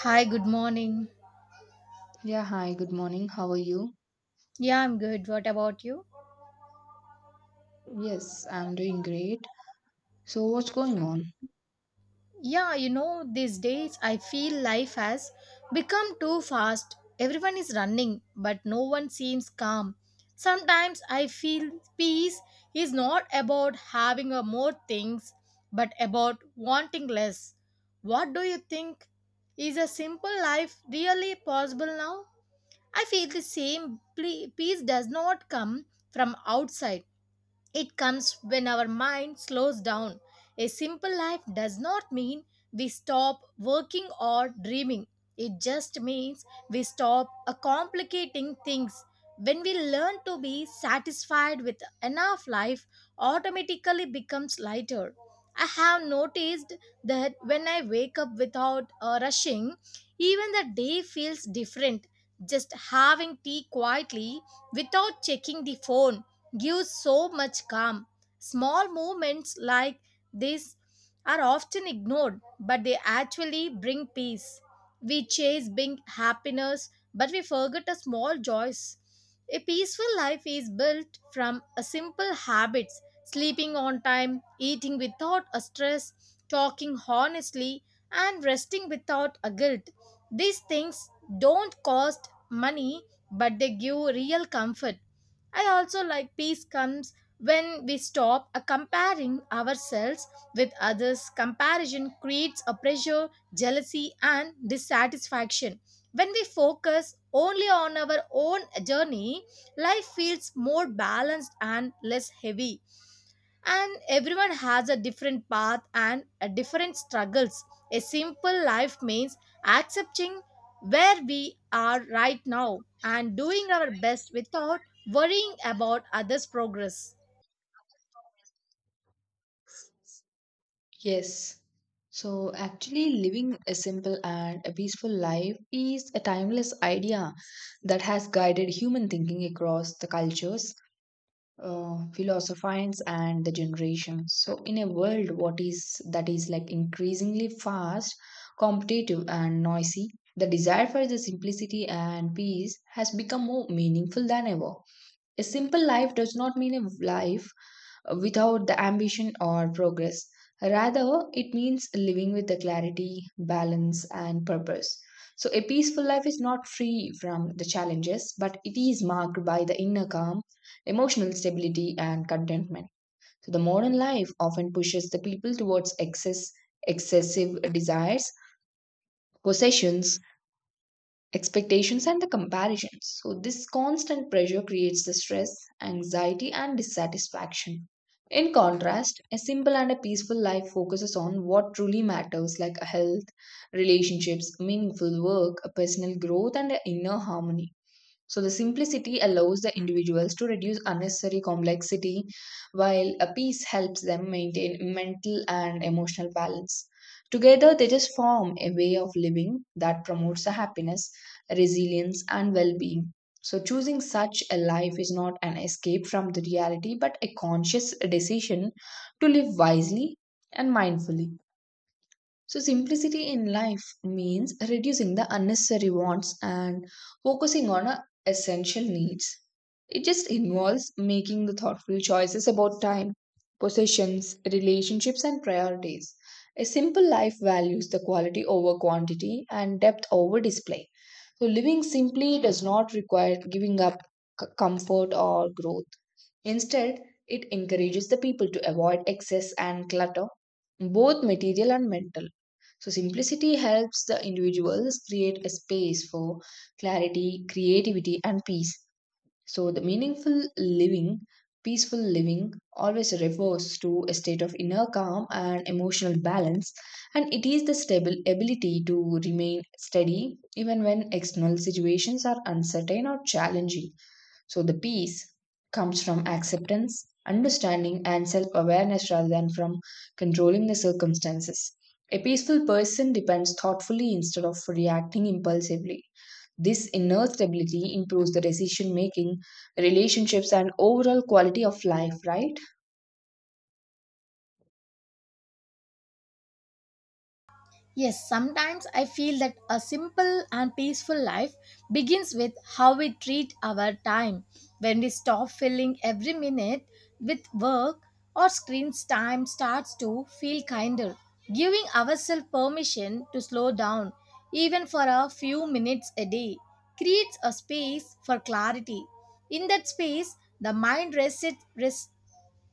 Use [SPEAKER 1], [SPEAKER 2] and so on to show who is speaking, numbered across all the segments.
[SPEAKER 1] Hi, good morning.
[SPEAKER 2] Yeah, hi, good morning. How are you?
[SPEAKER 1] Yeah, I'm good. What about you?
[SPEAKER 2] Yes, I'm doing great. So, what's going on?
[SPEAKER 1] Yeah, you know, these days I feel life has become too fast. Everyone is running, but no one seems calm. Sometimes I feel peace is not about having a more things, but about wanting less. What do you think? Is a simple life really possible now? I feel the same peace does not come from outside. It comes when our mind slows down. A simple life does not mean we stop working or dreaming. It just means we stop complicating things. When we learn to be satisfied with enough, life automatically becomes lighter. I have noticed that when I wake up without rushing, even the day feels different. Just having tea quietly without checking the phone gives so much calm. Small movements like this are often ignored, but they actually bring peace. We chase big happiness, but we forget a small joys. A peaceful life is built from a simple habits, sleeping on time, eating without a stress, talking honestly, and resting without a guilt. These things don't cost money, but they give real comfort. I also like peace comes when we stop comparing ourselves with others. Comparison creates a pressure, jealousy, and dissatisfaction. When we focus only on our own journey, life feels more balanced and less heavy, and everyone has a different path and a different struggles. A simple life means accepting where we are right now and doing our best without worrying about others progress.
[SPEAKER 2] Yes. So, actually, living a simple and a peaceful life is a timeless idea that has guided human thinking across the cultures, philosophies, and the generations. So, in a world what is that is like increasingly fast, competitive, and noisy, the desire for the simplicity and peace has become more meaningful than ever. A simple life does not mean a life without the ambition or progress. Rather, it means living with the clarity, balance, and purpose. So, a peaceful life is not free from the challenges, but it is marked by the inner calm, emotional stability, and contentment. So, the modern life often pushes the people towards excess, excessive desires, possessions, expectations and the comparisons. So, this constant pressure creates the stress, anxiety, and dissatisfaction. In contrast, a simple and a peaceful life focuses on what truly matters, like a health, relationships, meaningful work, a personal growth, and a inner harmony. So the simplicity allows the individuals to reduce unnecessary complexity, while a peace helps them maintain mental and emotional balance. Together, they just form a way of living that promotes the happiness, resilience, and well being. So, choosing such a life is not an escape from the reality, but a conscious decision to live wisely and mindfully. So, simplicity in life means reducing the unnecessary wants and focusing on our essential needs. It just involves making the thoughtful choices about time, possessions, relationships, and priorities. A simple life values the quality over quantity and depth over display. So, living simply does not require giving up comfort or growth. Instead, it encourages the people to avoid excess and clutter, both material and mental. So, simplicity helps the individuals create a space for clarity, creativity, and peace. So, the meaningful living, peaceful living, always refers to a state of inner calm and emotional balance, and it is the stable ability to remain steady even when external situations are uncertain or challenging. So the peace comes from acceptance, understanding, and self awareness rather than from controlling the circumstances. A peaceful person depends thoughtfully instead of reacting impulsively. This inner stability improves the decision making, relationships, and overall quality of life, right?
[SPEAKER 1] Yes, sometimes I feel that a simple and peaceful life begins with how we treat our time. When we stop filling every minute with work or screens, time starts to feel kinder. Giving ourselves permission to slow down, even for a few minutes a day, creates a space for clarity. In that space, the mind resets,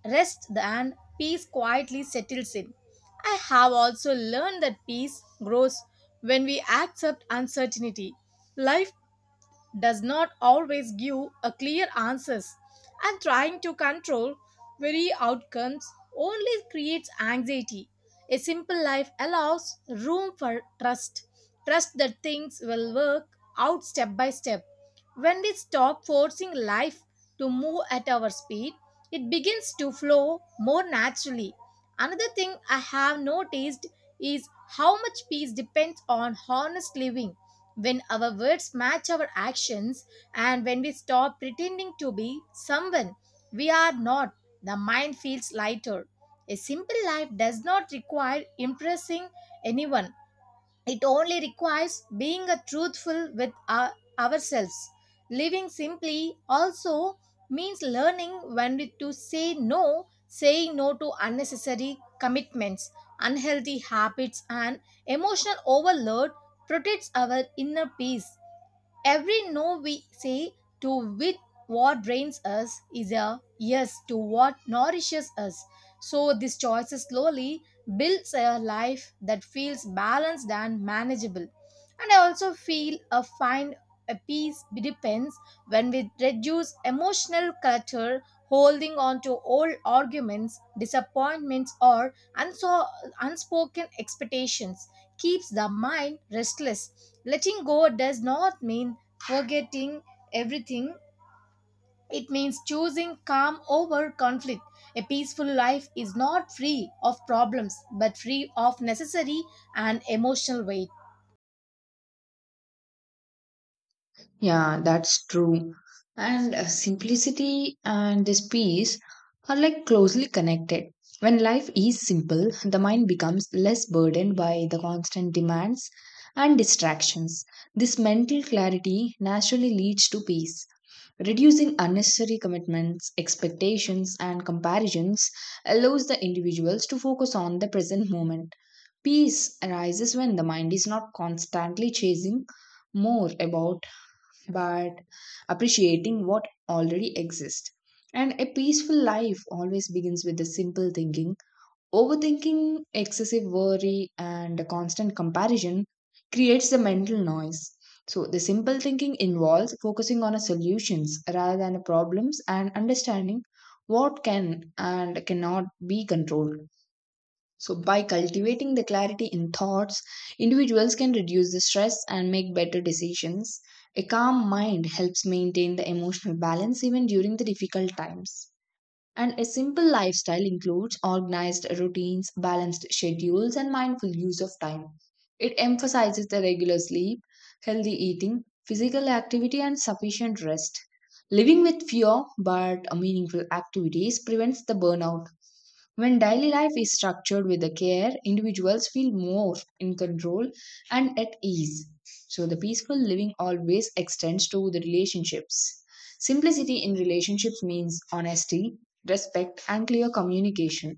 [SPEAKER 1] rest and peace quietly settles in. I have also learned that peace grows when we accept uncertainty. Life does not always give a clear answers, and trying to control very outcomes only creates anxiety. A simple life allows room for trust, trust that things will work out step by step. When we stop forcing life to move at our speed, it begins to flow more naturally. Another thing I have noticed is how much peace depends on honest living. When our words match our actions, and when we stop pretending to be someone we are not, the mind feels lighter. A simple life does not require impressing anyone, it only requires being a truthful with ourselves. Living simply also means learning to say no. Saying no to unnecessary commitments, unhealthy habits, and emotional overload protects our inner peace. Every no we say to with what drains us is a yes to what nourishes us. So this choice slowly builds a life that feels balanced and manageable. And I also feel a find a peace depends when we reduce emotional clutter. Holding on to old arguments, disappointments, or unspoken expectations keeps the mind restless. Letting go does not mean forgetting everything, it means choosing calm over conflict. A peaceful life is not free of problems, but free of necessary and emotional weight.
[SPEAKER 2] Yeah, that's true. And simplicity and this peace are like closely connected. When life is simple, the mind becomes less burdened by the constant demands and distractions. This mental clarity naturally leads to peace. Reducing unnecessary commitments, expectations, and comparisons allows the individuals to focus on the present moment. Peace arises when the mind is not constantly chasing more about but appreciating what already exists. And a peaceful life always begins with the simple thinking. Overthinking, excessive worry, and a constant comparison creates the mental noise. So, the simple thinking involves focusing on a solutions rather than a problems and understanding what can and cannot be controlled. So, by cultivating the clarity in thoughts, individuals can reduce the stress and make better decisions. A calm mind helps maintain the emotional balance even during the difficult times. And a simple lifestyle includes organized routines, balanced schedules, and mindful use of time. It emphasizes the regular sleep, healthy eating, physical activity, and sufficient rest. Living with fewer but meaningful activities prevents the burnout when daily life is structured with the care, individuals feel more in control and at ease. So the peaceful living always extends to the relationships. Simplicity in relationships means honesty, respect, and clear communication.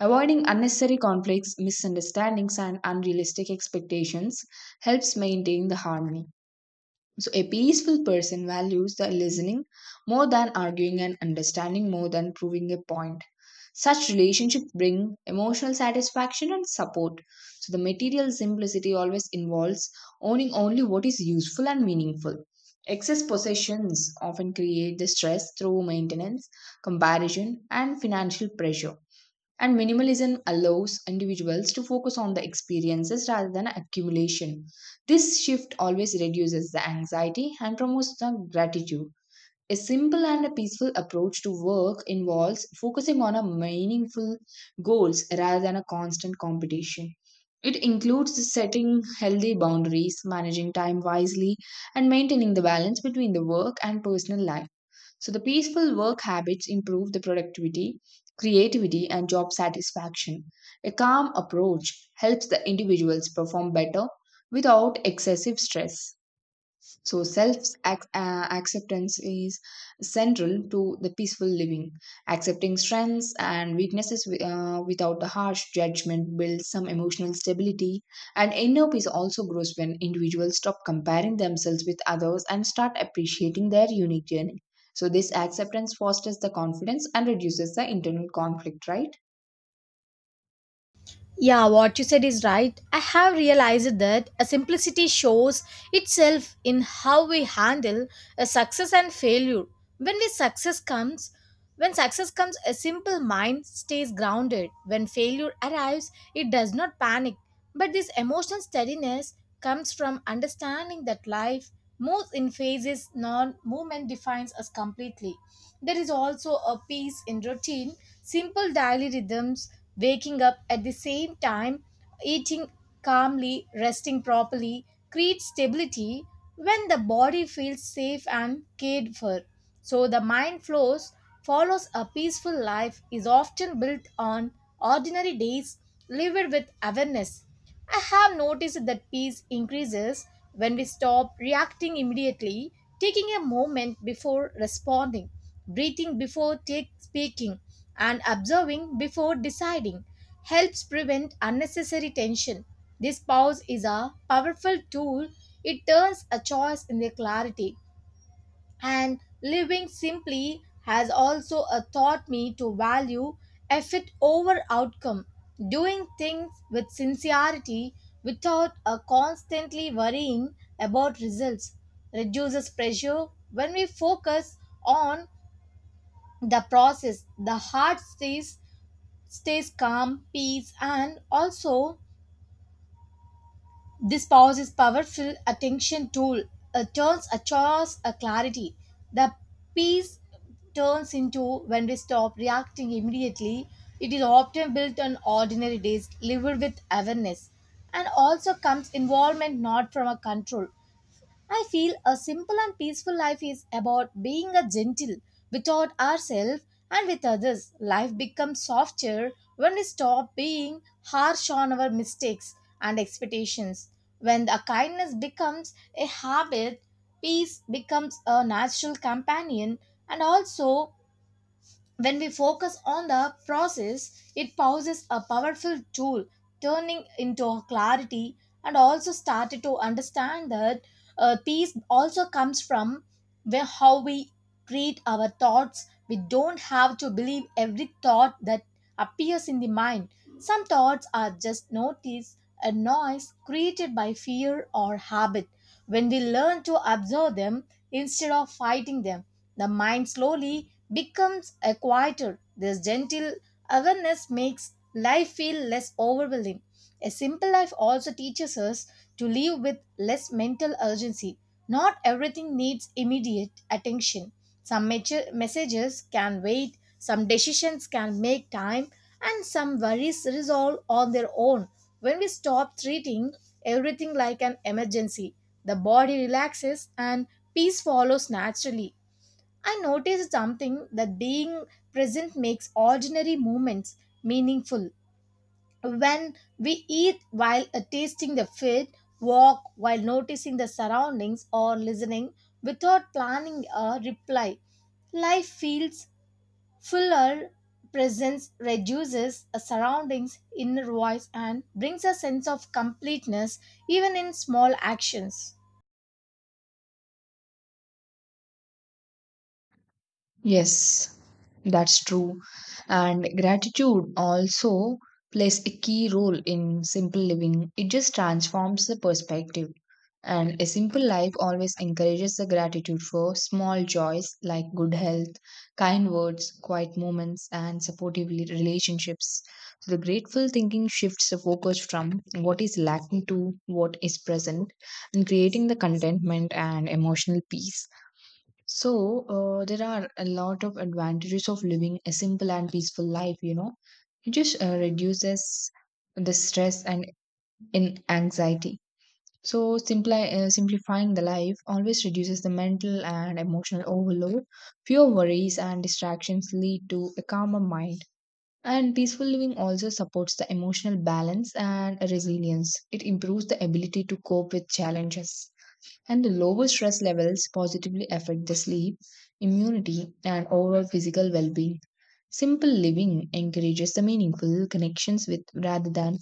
[SPEAKER 2] Avoiding unnecessary conflicts, misunderstandings, and unrealistic expectations helps maintain the harmony. So, a peaceful person values the listening more than arguing and understanding more than proving a point. Such relationships bring emotional satisfaction and support. So, the material simplicity always involves owning only what is useful and meaningful. Excess possessions often create the stress through maintenance, comparison, and financial pressure. And minimalism allows individuals to focus on the experiences rather than accumulation. This shift always reduces the anxiety and promotes the gratitude. A simple and a peaceful approach to work involves focusing on a meaningful goals rather than a constant competition. It includes setting healthy boundaries, managing time wisely, and maintaining the balance between the work and personal life. So, the peaceful work habits improve the productivity, creativity, and job satisfaction. A calm approach helps the individuals perform better without excessive stress. So, self acceptance is central to the peaceful living. Accepting strengths and weaknesses without the harsh judgment builds some emotional stability, and inner peace also grows when individuals stop comparing themselves with others and start appreciating their unique journey. So, this acceptance fosters the confidence and reduces the internal conflict, right?
[SPEAKER 1] Yeah, what you said is right. I have realized that a simplicity shows itself in how we handle a success and failure. When we success comes, when success comes, a simple mind stays grounded. When failure arrives, it does not panic. But this emotional steadiness comes from understanding that life moves in phases, non movement defines us completely. There is also a peace in routine, simple daily rhythms, waking up at the same time, eating calmly, resting properly, creates stability when the body feels safe and cared for. So the mind flows, follows a peaceful life is often built on ordinary days lived with awareness. I have noticed that peace increases when we stop reacting immediately. Taking a moment before responding, breathing before take speaking, and observing before deciding helps prevent unnecessary tension. This pause is a powerful tool. It turns a choice into clarity. And living simply has also taught me to value effort over outcome. Doing things with sincerity without constantly worrying about results reduces pressure. When we focus on the process, the heart stays calm. Peace and also this pause is powerful attention tool. It turns a chores a clarity. The peace turns into when we stop reacting immediately. It is often built on ordinary days, lived with awareness. And also comes involvement not from a control. I feel a simple and peaceful life is about being a gentle without ourselves and with others. Life becomes softer when we stop being harsh on our mistakes and expectations. When the kindness becomes a habit, peace becomes a natural companion. And also, when we focus on the process, it poses a powerful tool, turning into clarity, and also started to understand that peace also comes from where how we treat our thoughts. We don't have to believe every thought that appears in the mind. Some thoughts are just notice a noise created by fear or habit. When we learn to observe them instead of fighting them, the mind slowly becomes a quieter. This gentle awareness makes life feel less overwhelming. A simple life also teaches us to live with less mental urgency. Not everything needs immediate attention. Some messages can wait, some decisions can make time, and some worries resolve on their own. When we stop treating everything like an emergency, the body relaxes and peace follows naturally. I noticed something that being present makes ordinary moments meaningful. When we eat while tasting the food, walk while noticing the surroundings, or listening without planning a reply, life feels fuller. Presence reduces a surroundings' inner voice and brings a sense of completeness even in small actions.
[SPEAKER 2] Yes. That's true. And gratitude also plays a key role in simple living. It just transforms the perspective. And a simple life always encourages the gratitude for small joys like good health, kind words, quiet moments, and supportive relationships. So the grateful thinking shifts the focus from what is lacking to what is present and creating the contentment and emotional peace. So, there are a lot of advantages of living a simple and peaceful life, you know. It just reduces the stress and in anxiety. So, simply, simplifying the life always reduces the mental and emotional overload. Fewer worries and distractions lead to a calmer mind. And peaceful living also supports the emotional balance and resilience. It improves the ability to cope with challenges and the lower stress levels positively affect the sleep, immunity, and overall physical well being. Simple living encourages the meaningful connections with rather than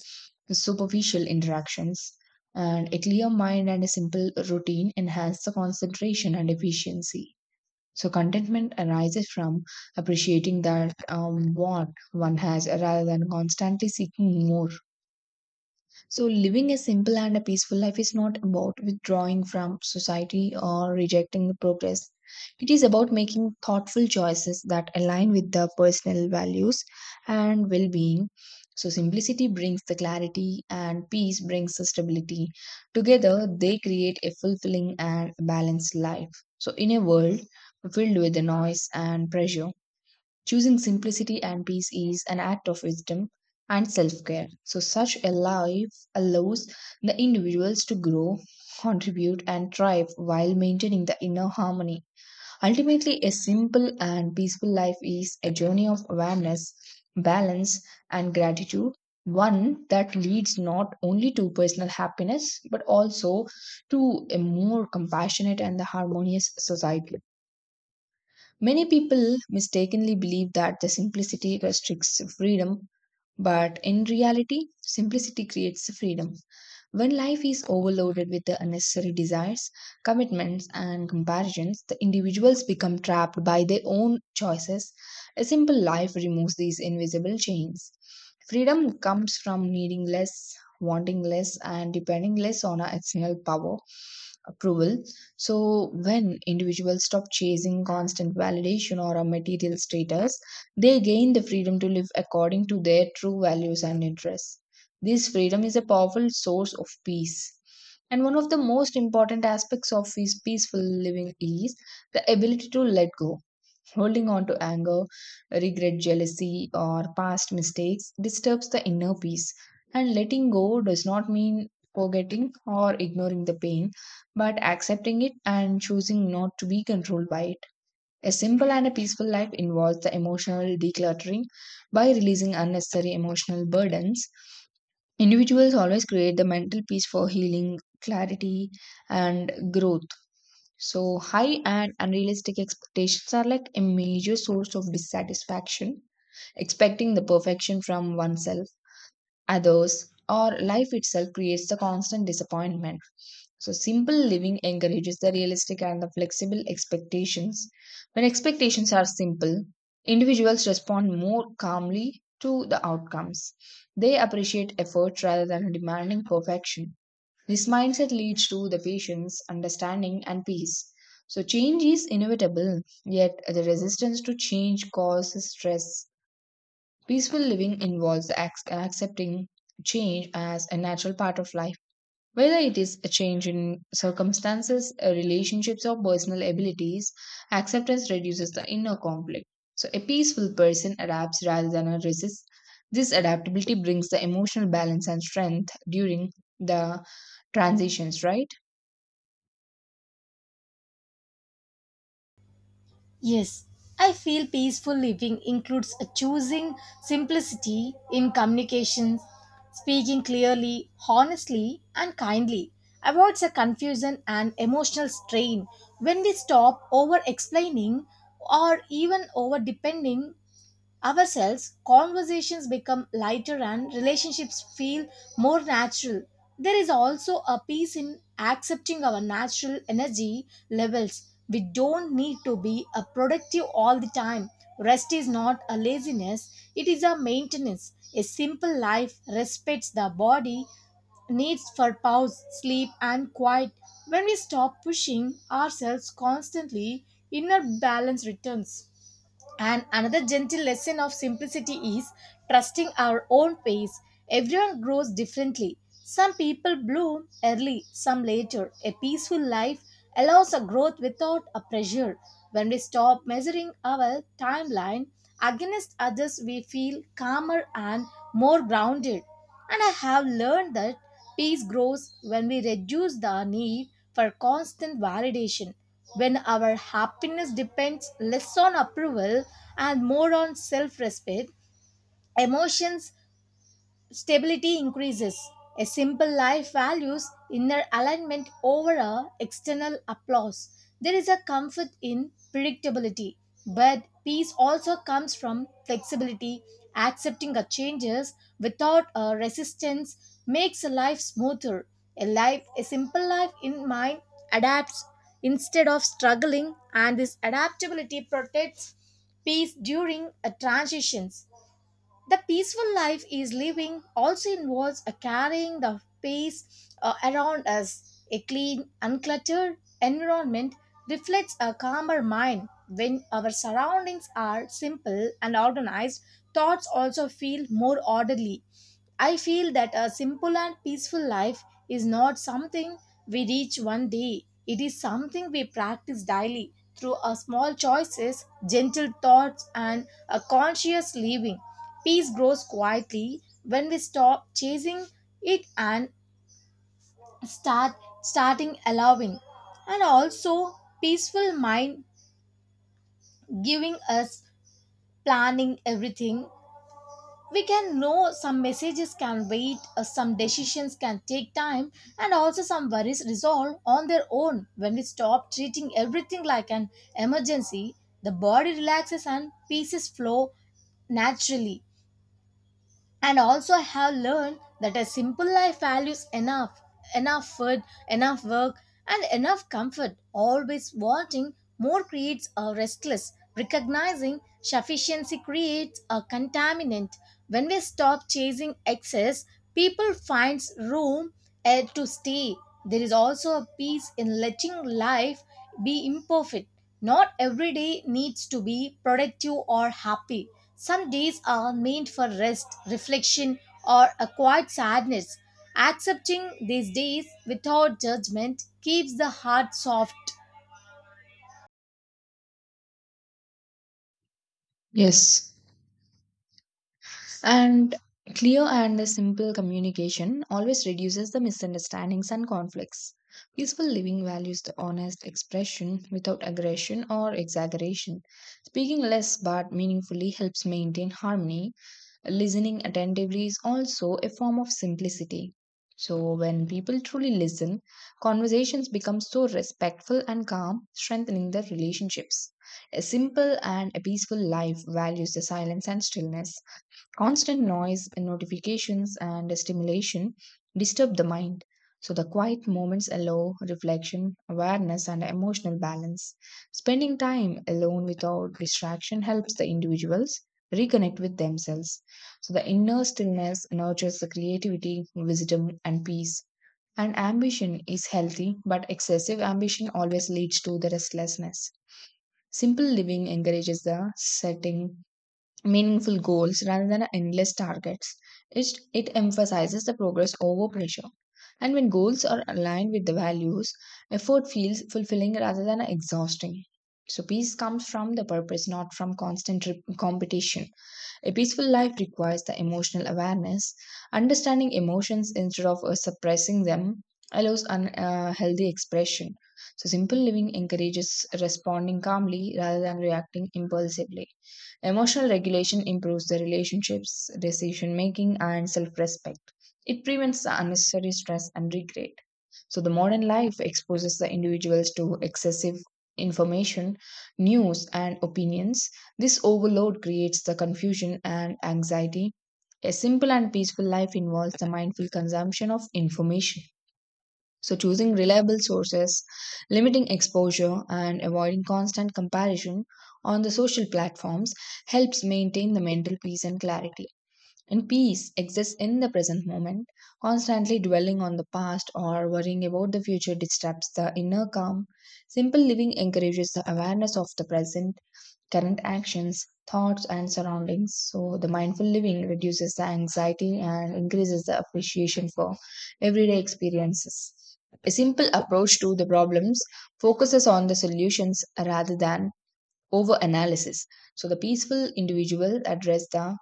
[SPEAKER 2] superficial interactions, and a clear mind and a simple routine enhance the concentration and efficiency. So, contentment arises from appreciating that what one has rather than constantly seeking more. So, living a simple and a peaceful life is not about withdrawing from society or rejecting the progress. It is about making thoughtful choices that align with the personal values and well being. So, simplicity brings the clarity and peace brings the stability. Together, they create a fulfilling and balanced life. So, in a world filled with the noise and pressure, choosing simplicity and peace is an act of wisdom and self care. So, such a life allows the individuals to grow, contribute, and thrive while maintaining the inner harmony. Ultimately, a simple and peaceful life is a journey of awareness, balance, and gratitude. One that leads not only to personal happiness but also to a more compassionate and harmonious society. Many people mistakenly believe that the simplicity restricts freedom, but in reality, simplicity creates freedom. When life is overloaded with the unnecessary desires, commitments, and comparisons, the individuals become trapped by their own choices. A simple life removes these invisible chains. Freedom comes from needing less, wanting less, and depending less on our external power, approval, so, when individuals stop chasing constant validation or a material status, they gain the freedom to live according to their true values and interests. This freedom is a powerful source of peace. And one of the most important aspects of his peaceful living is the ability to let go. Holding on to anger, regret, jealousy, or past mistakes disturbs the inner peace. And letting go does not mean forgetting or ignoring the pain, but accepting it and choosing not to be controlled by it. A simple and a peaceful life involves the emotional decluttering by releasing unnecessary emotional burdens. Individuals always create the mental peace for healing, clarity, and growth. So, high and unrealistic expectations are like a major source of dissatisfaction. Expecting the perfection from oneself others, or life itself creates the constant disappointment. So, simple living encourages the realistic and the flexible expectations. When expectations are simple, individuals respond more calmly to the outcomes. They appreciate effort rather than demanding perfection. This mindset leads to the patience, understanding, and peace. So, change is inevitable, yet the resistance to change causes stress. Peaceful living involves accepting change as a natural part of life, whether it is a change in circumstances, relationships, or personal abilities. Acceptance reduces the inner conflict. So, a peaceful person adapts rather than a resists. This adaptability brings the emotional balance and strength during the transitions, right?
[SPEAKER 1] Yes, I feel peaceful living includes a choosing simplicity in communications, speaking clearly, honestly, and kindly, avoids a confusion and emotional strain. When we stop over explaining or even over depending ourselves, conversations become lighter and relationships feel more natural. There is also a peace in accepting our natural energy levels. We don't need to be a productive all the time. Rest is not a laziness, it is a maintenance. A simple life respects the body, needs for pause, sleep, and quiet. When we stop pushing ourselves constantly, inner balance returns. And another gentle lesson of simplicity is trusting our own pace. Everyone grows differently. Some people bloom early, some later. A peaceful life allows a growth without a pressure. When we stop measuring our timeline against others, we feel calmer and more grounded. And I have learned that peace grows when we reduce the need for constant validation, when our happiness depends less on approval and more on self respect. Emotions stability increases. A simple life values inner alignment over a external applause. There is a comfort in predictability, but peace also comes from flexibility. Accepting a changes without a resistance makes a life smoother. A simple life in mind adapts instead of struggling, and this adaptability protects peace during a transitions. The peaceful life is living also involves a carrying the peace around us. A clean, uncluttered environment reflects a calmer mind. When our surroundings are simple and organized, thoughts also feel more orderly. I feel that a simple and peaceful life is not something we reach one day, it is something we practice daily through our small choices, gentle thoughts, and a conscious living. Peace grows quietly when we stop chasing it and start starting allowing. And also peaceful mind giving us planning everything we can know. Some messages can wait, some decisions can take time, and also some worries resolve on their own. When we stop treating everything like an emergency, the body relaxes and pieces flow naturally. And also I have learned that a simple life values enough food, enough work, and enough comfort. Always wanting more creates a restless, recognizing sufficiency creates a contaminant. When we stop chasing excess, people finds room and to stay. There is also a peace in letting life be imperfect. Not every day needs to be productive or happy. Some days are meant for rest, reflection, or a quiet sadness. Accepting these days without judgment keeps the heart soft.
[SPEAKER 2] Yes. And clear and simple communication always reduces the misunderstandings and conflicts. Peaceful living values the honest expression without aggression or exaggeration. Speaking less but meaningfully helps maintain harmony. Listening attentively is also a form of simplicity. So when people truly listen, conversations become so respectful and calm, strengthening their relationships. A simple and a peaceful life values the silence and stillness. Constant noise, notifications, and stimulation disturb the mind. So, the quiet moments allow reflection, awareness, and emotional balance. Spending time alone without distraction helps the individuals reconnect with themselves. So, the inner stillness nurtures the creativity, wisdom, and peace. And ambition is healthy, but excessive ambition always leads to the restlessness. Simple living encourages the setting meaningful goals rather than endless targets. It, it emphasizes the progress over pressure. And when goals are aligned with the values, effort feels fulfilling rather than exhausting. So, peace comes from the purpose, not from constant competition. A peaceful life requires the emotional awareness. Understanding emotions instead of suppressing them allows healthy expression. So, simple living encourages responding calmly rather than reacting impulsively. Emotional regulation improves the relationships, decision making, and self respect. It prevents the unnecessary stress and regret. So, the modern life exposes the individuals to excessive information, news, and opinions. This overload creates the confusion and anxiety. A simple and peaceful life involves the mindful consumption of information. So, choosing reliable sources, limiting exposure, and avoiding constant comparison on the social platforms helps maintain the mental peace and clarity. And peace exists in the present moment. Constantly dwelling on the past or worrying about the future disturbs the inner calm. Simple living encourages the awareness of the present, current actions, thoughts, and surroundings. So, the mindful living reduces the anxiety and increases the appreciation for everyday experiences. A simple approach to the problems focuses on the solutions rather than over analysis. So, the peaceful individual address the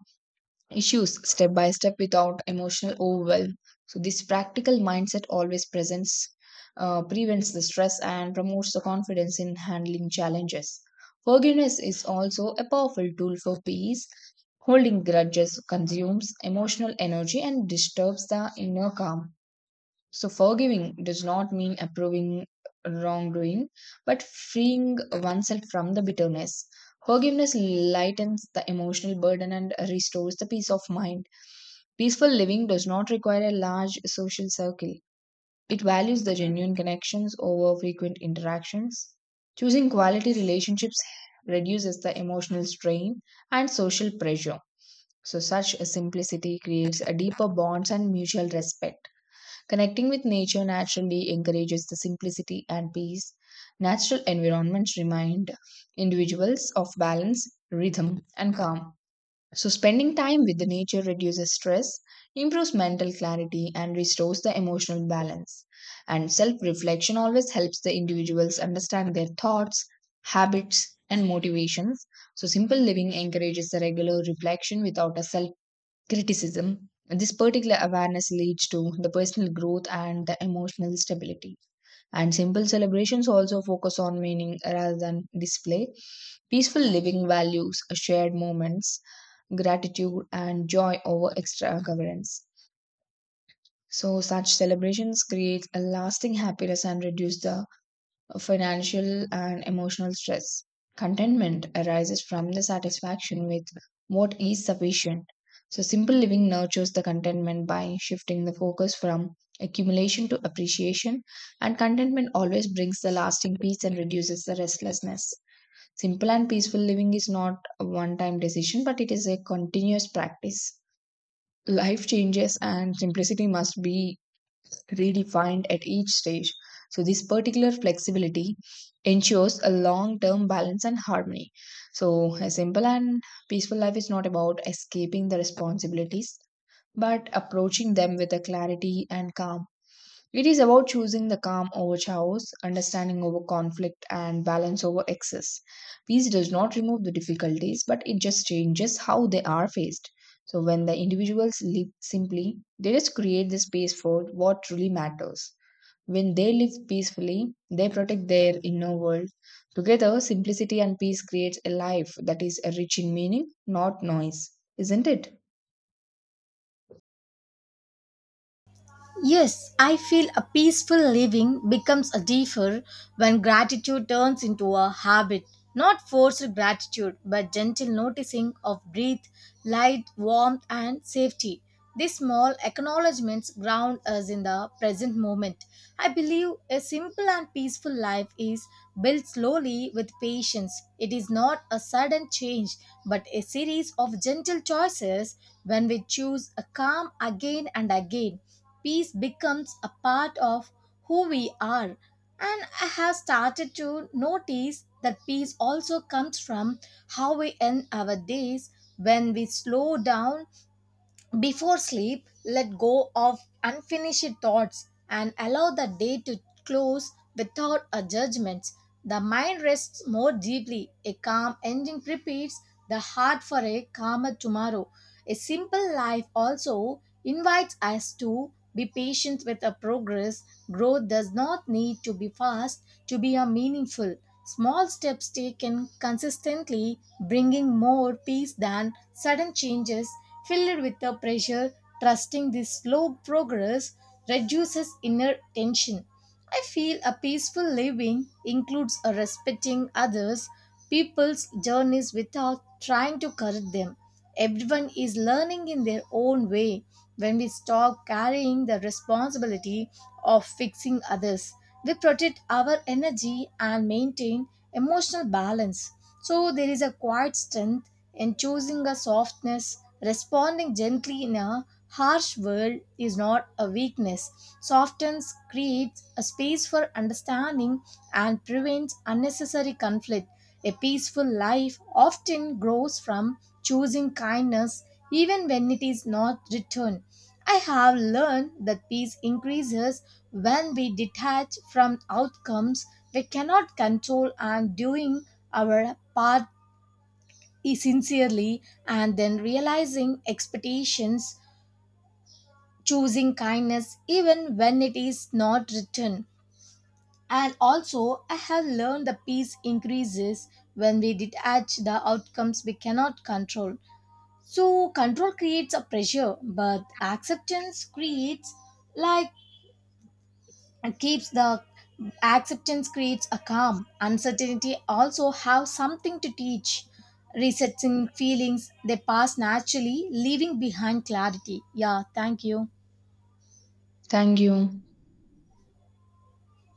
[SPEAKER 2] issues step by step without emotional overwhelm. So, this practical mindset always prevents the stress and promotes the confidence in handling challenges. Forgiveness is also a powerful tool for peace. Holding grudges consumes emotional energy and disturbs the inner calm. So, forgiving does not mean approving wrongdoing, but freeing oneself from the bitterness. Forgiveness lightens the emotional burden and restores the peace of mind. Peaceful living does not require a large social circle, it values the genuine connections over frequent interactions. Choosing quality relationships reduces the emotional strain and social pressure. So, such a simplicity creates a deeper bonds and mutual respect. Connecting with nature naturally encourages the simplicity and peace. Natural environments remind individuals of balance, rhythm, and calm. So, spending time with the nature reduces stress, improves mental clarity, and restores the emotional balance. And self reflection always helps the individuals understand their thoughts, habits, and motivations. So, simple living encourages the regular reflection without a self criticism. This particular awareness leads to the personal growth and the emotional stability. And simple celebrations also focus on meaning rather than display. Peaceful living values shared moments, gratitude, and joy over extravagance. So, such celebrations create a lasting happiness and reduce the financial and emotional stress. Contentment arises from the satisfaction with what is sufficient. So, simple living nurtures the contentment by shifting the focus from accumulation to appreciation, and contentment always brings the lasting peace and reduces the restlessness. Simple and peaceful living is not a one time decision, but it is a continuous practice. Life changes, and simplicity must be redefined at each stage. So, this particular flexibility ensures a long term balance and harmony. So, a simple and peaceful life is not about escaping the responsibilities, but approaching them with a clarity and calm. It is about choosing the calm over chaos, understanding over conflict, and balance over excess. Peace does not remove the difficulties, but it just changes how they are faced. So, when the individuals live simply, they just create the space for what truly matters. When they live peacefully, they protect their inner world. Together, simplicity and peace creates a life that is rich in meaning, not noise. Isn't it?
[SPEAKER 1] Yes, I feel a peaceful living becomes a deeper when gratitude turns into a habit. Not forced gratitude, but gentle noticing of breath, light, warmth, and safety. These small acknowledgements ground us in the present moment. I believe a simple and peaceful life is built slowly with patience. It is not a sudden change, but a series of gentle choices. When we choose a calm again and again, peace becomes a part of who we are. And I have started to notice that peace also comes from how we end our days. When we slow down before sleep, let go of unfinished thoughts and allow the day to close without a judgment, the mind rests more deeply. A calm ending prepares the heart for a calmer tomorrow. A simple life also invites us to be patient with our progress. Growth does not need to be fast to be a meaningful. Small steps taken consistently bringing more peace than sudden changes filled with the pressure, trusting this slow progress reduces inner tension. I feel a peaceful living includes a respecting others, people's journeys without trying to correct them. Everyone is learning in their own way. When we stop carrying the responsibility of fixing others, they protect our energy and maintain emotional balance. So there is a quiet strength in choosing a softness, responding gently in a harsh world is not a weakness. Softness creates a space for understanding and prevents unnecessary conflict. A peaceful life often grows from choosing kindness even when it is not returned. I have learned that peace increases when we detach from outcomes we cannot control and doing our part sincerely and then realizing expectations, choosing kindness even when it is not written. And also, I have learned the peace increases when we detach the outcomes we cannot control. So, control creates a pressure, but acceptance creates like and keeps the acceptance creates a calm. Uncertainty also have something to teach, resetting feelings they pass naturally leaving behind clarity. Yeah, thank you.
[SPEAKER 2] Thank you.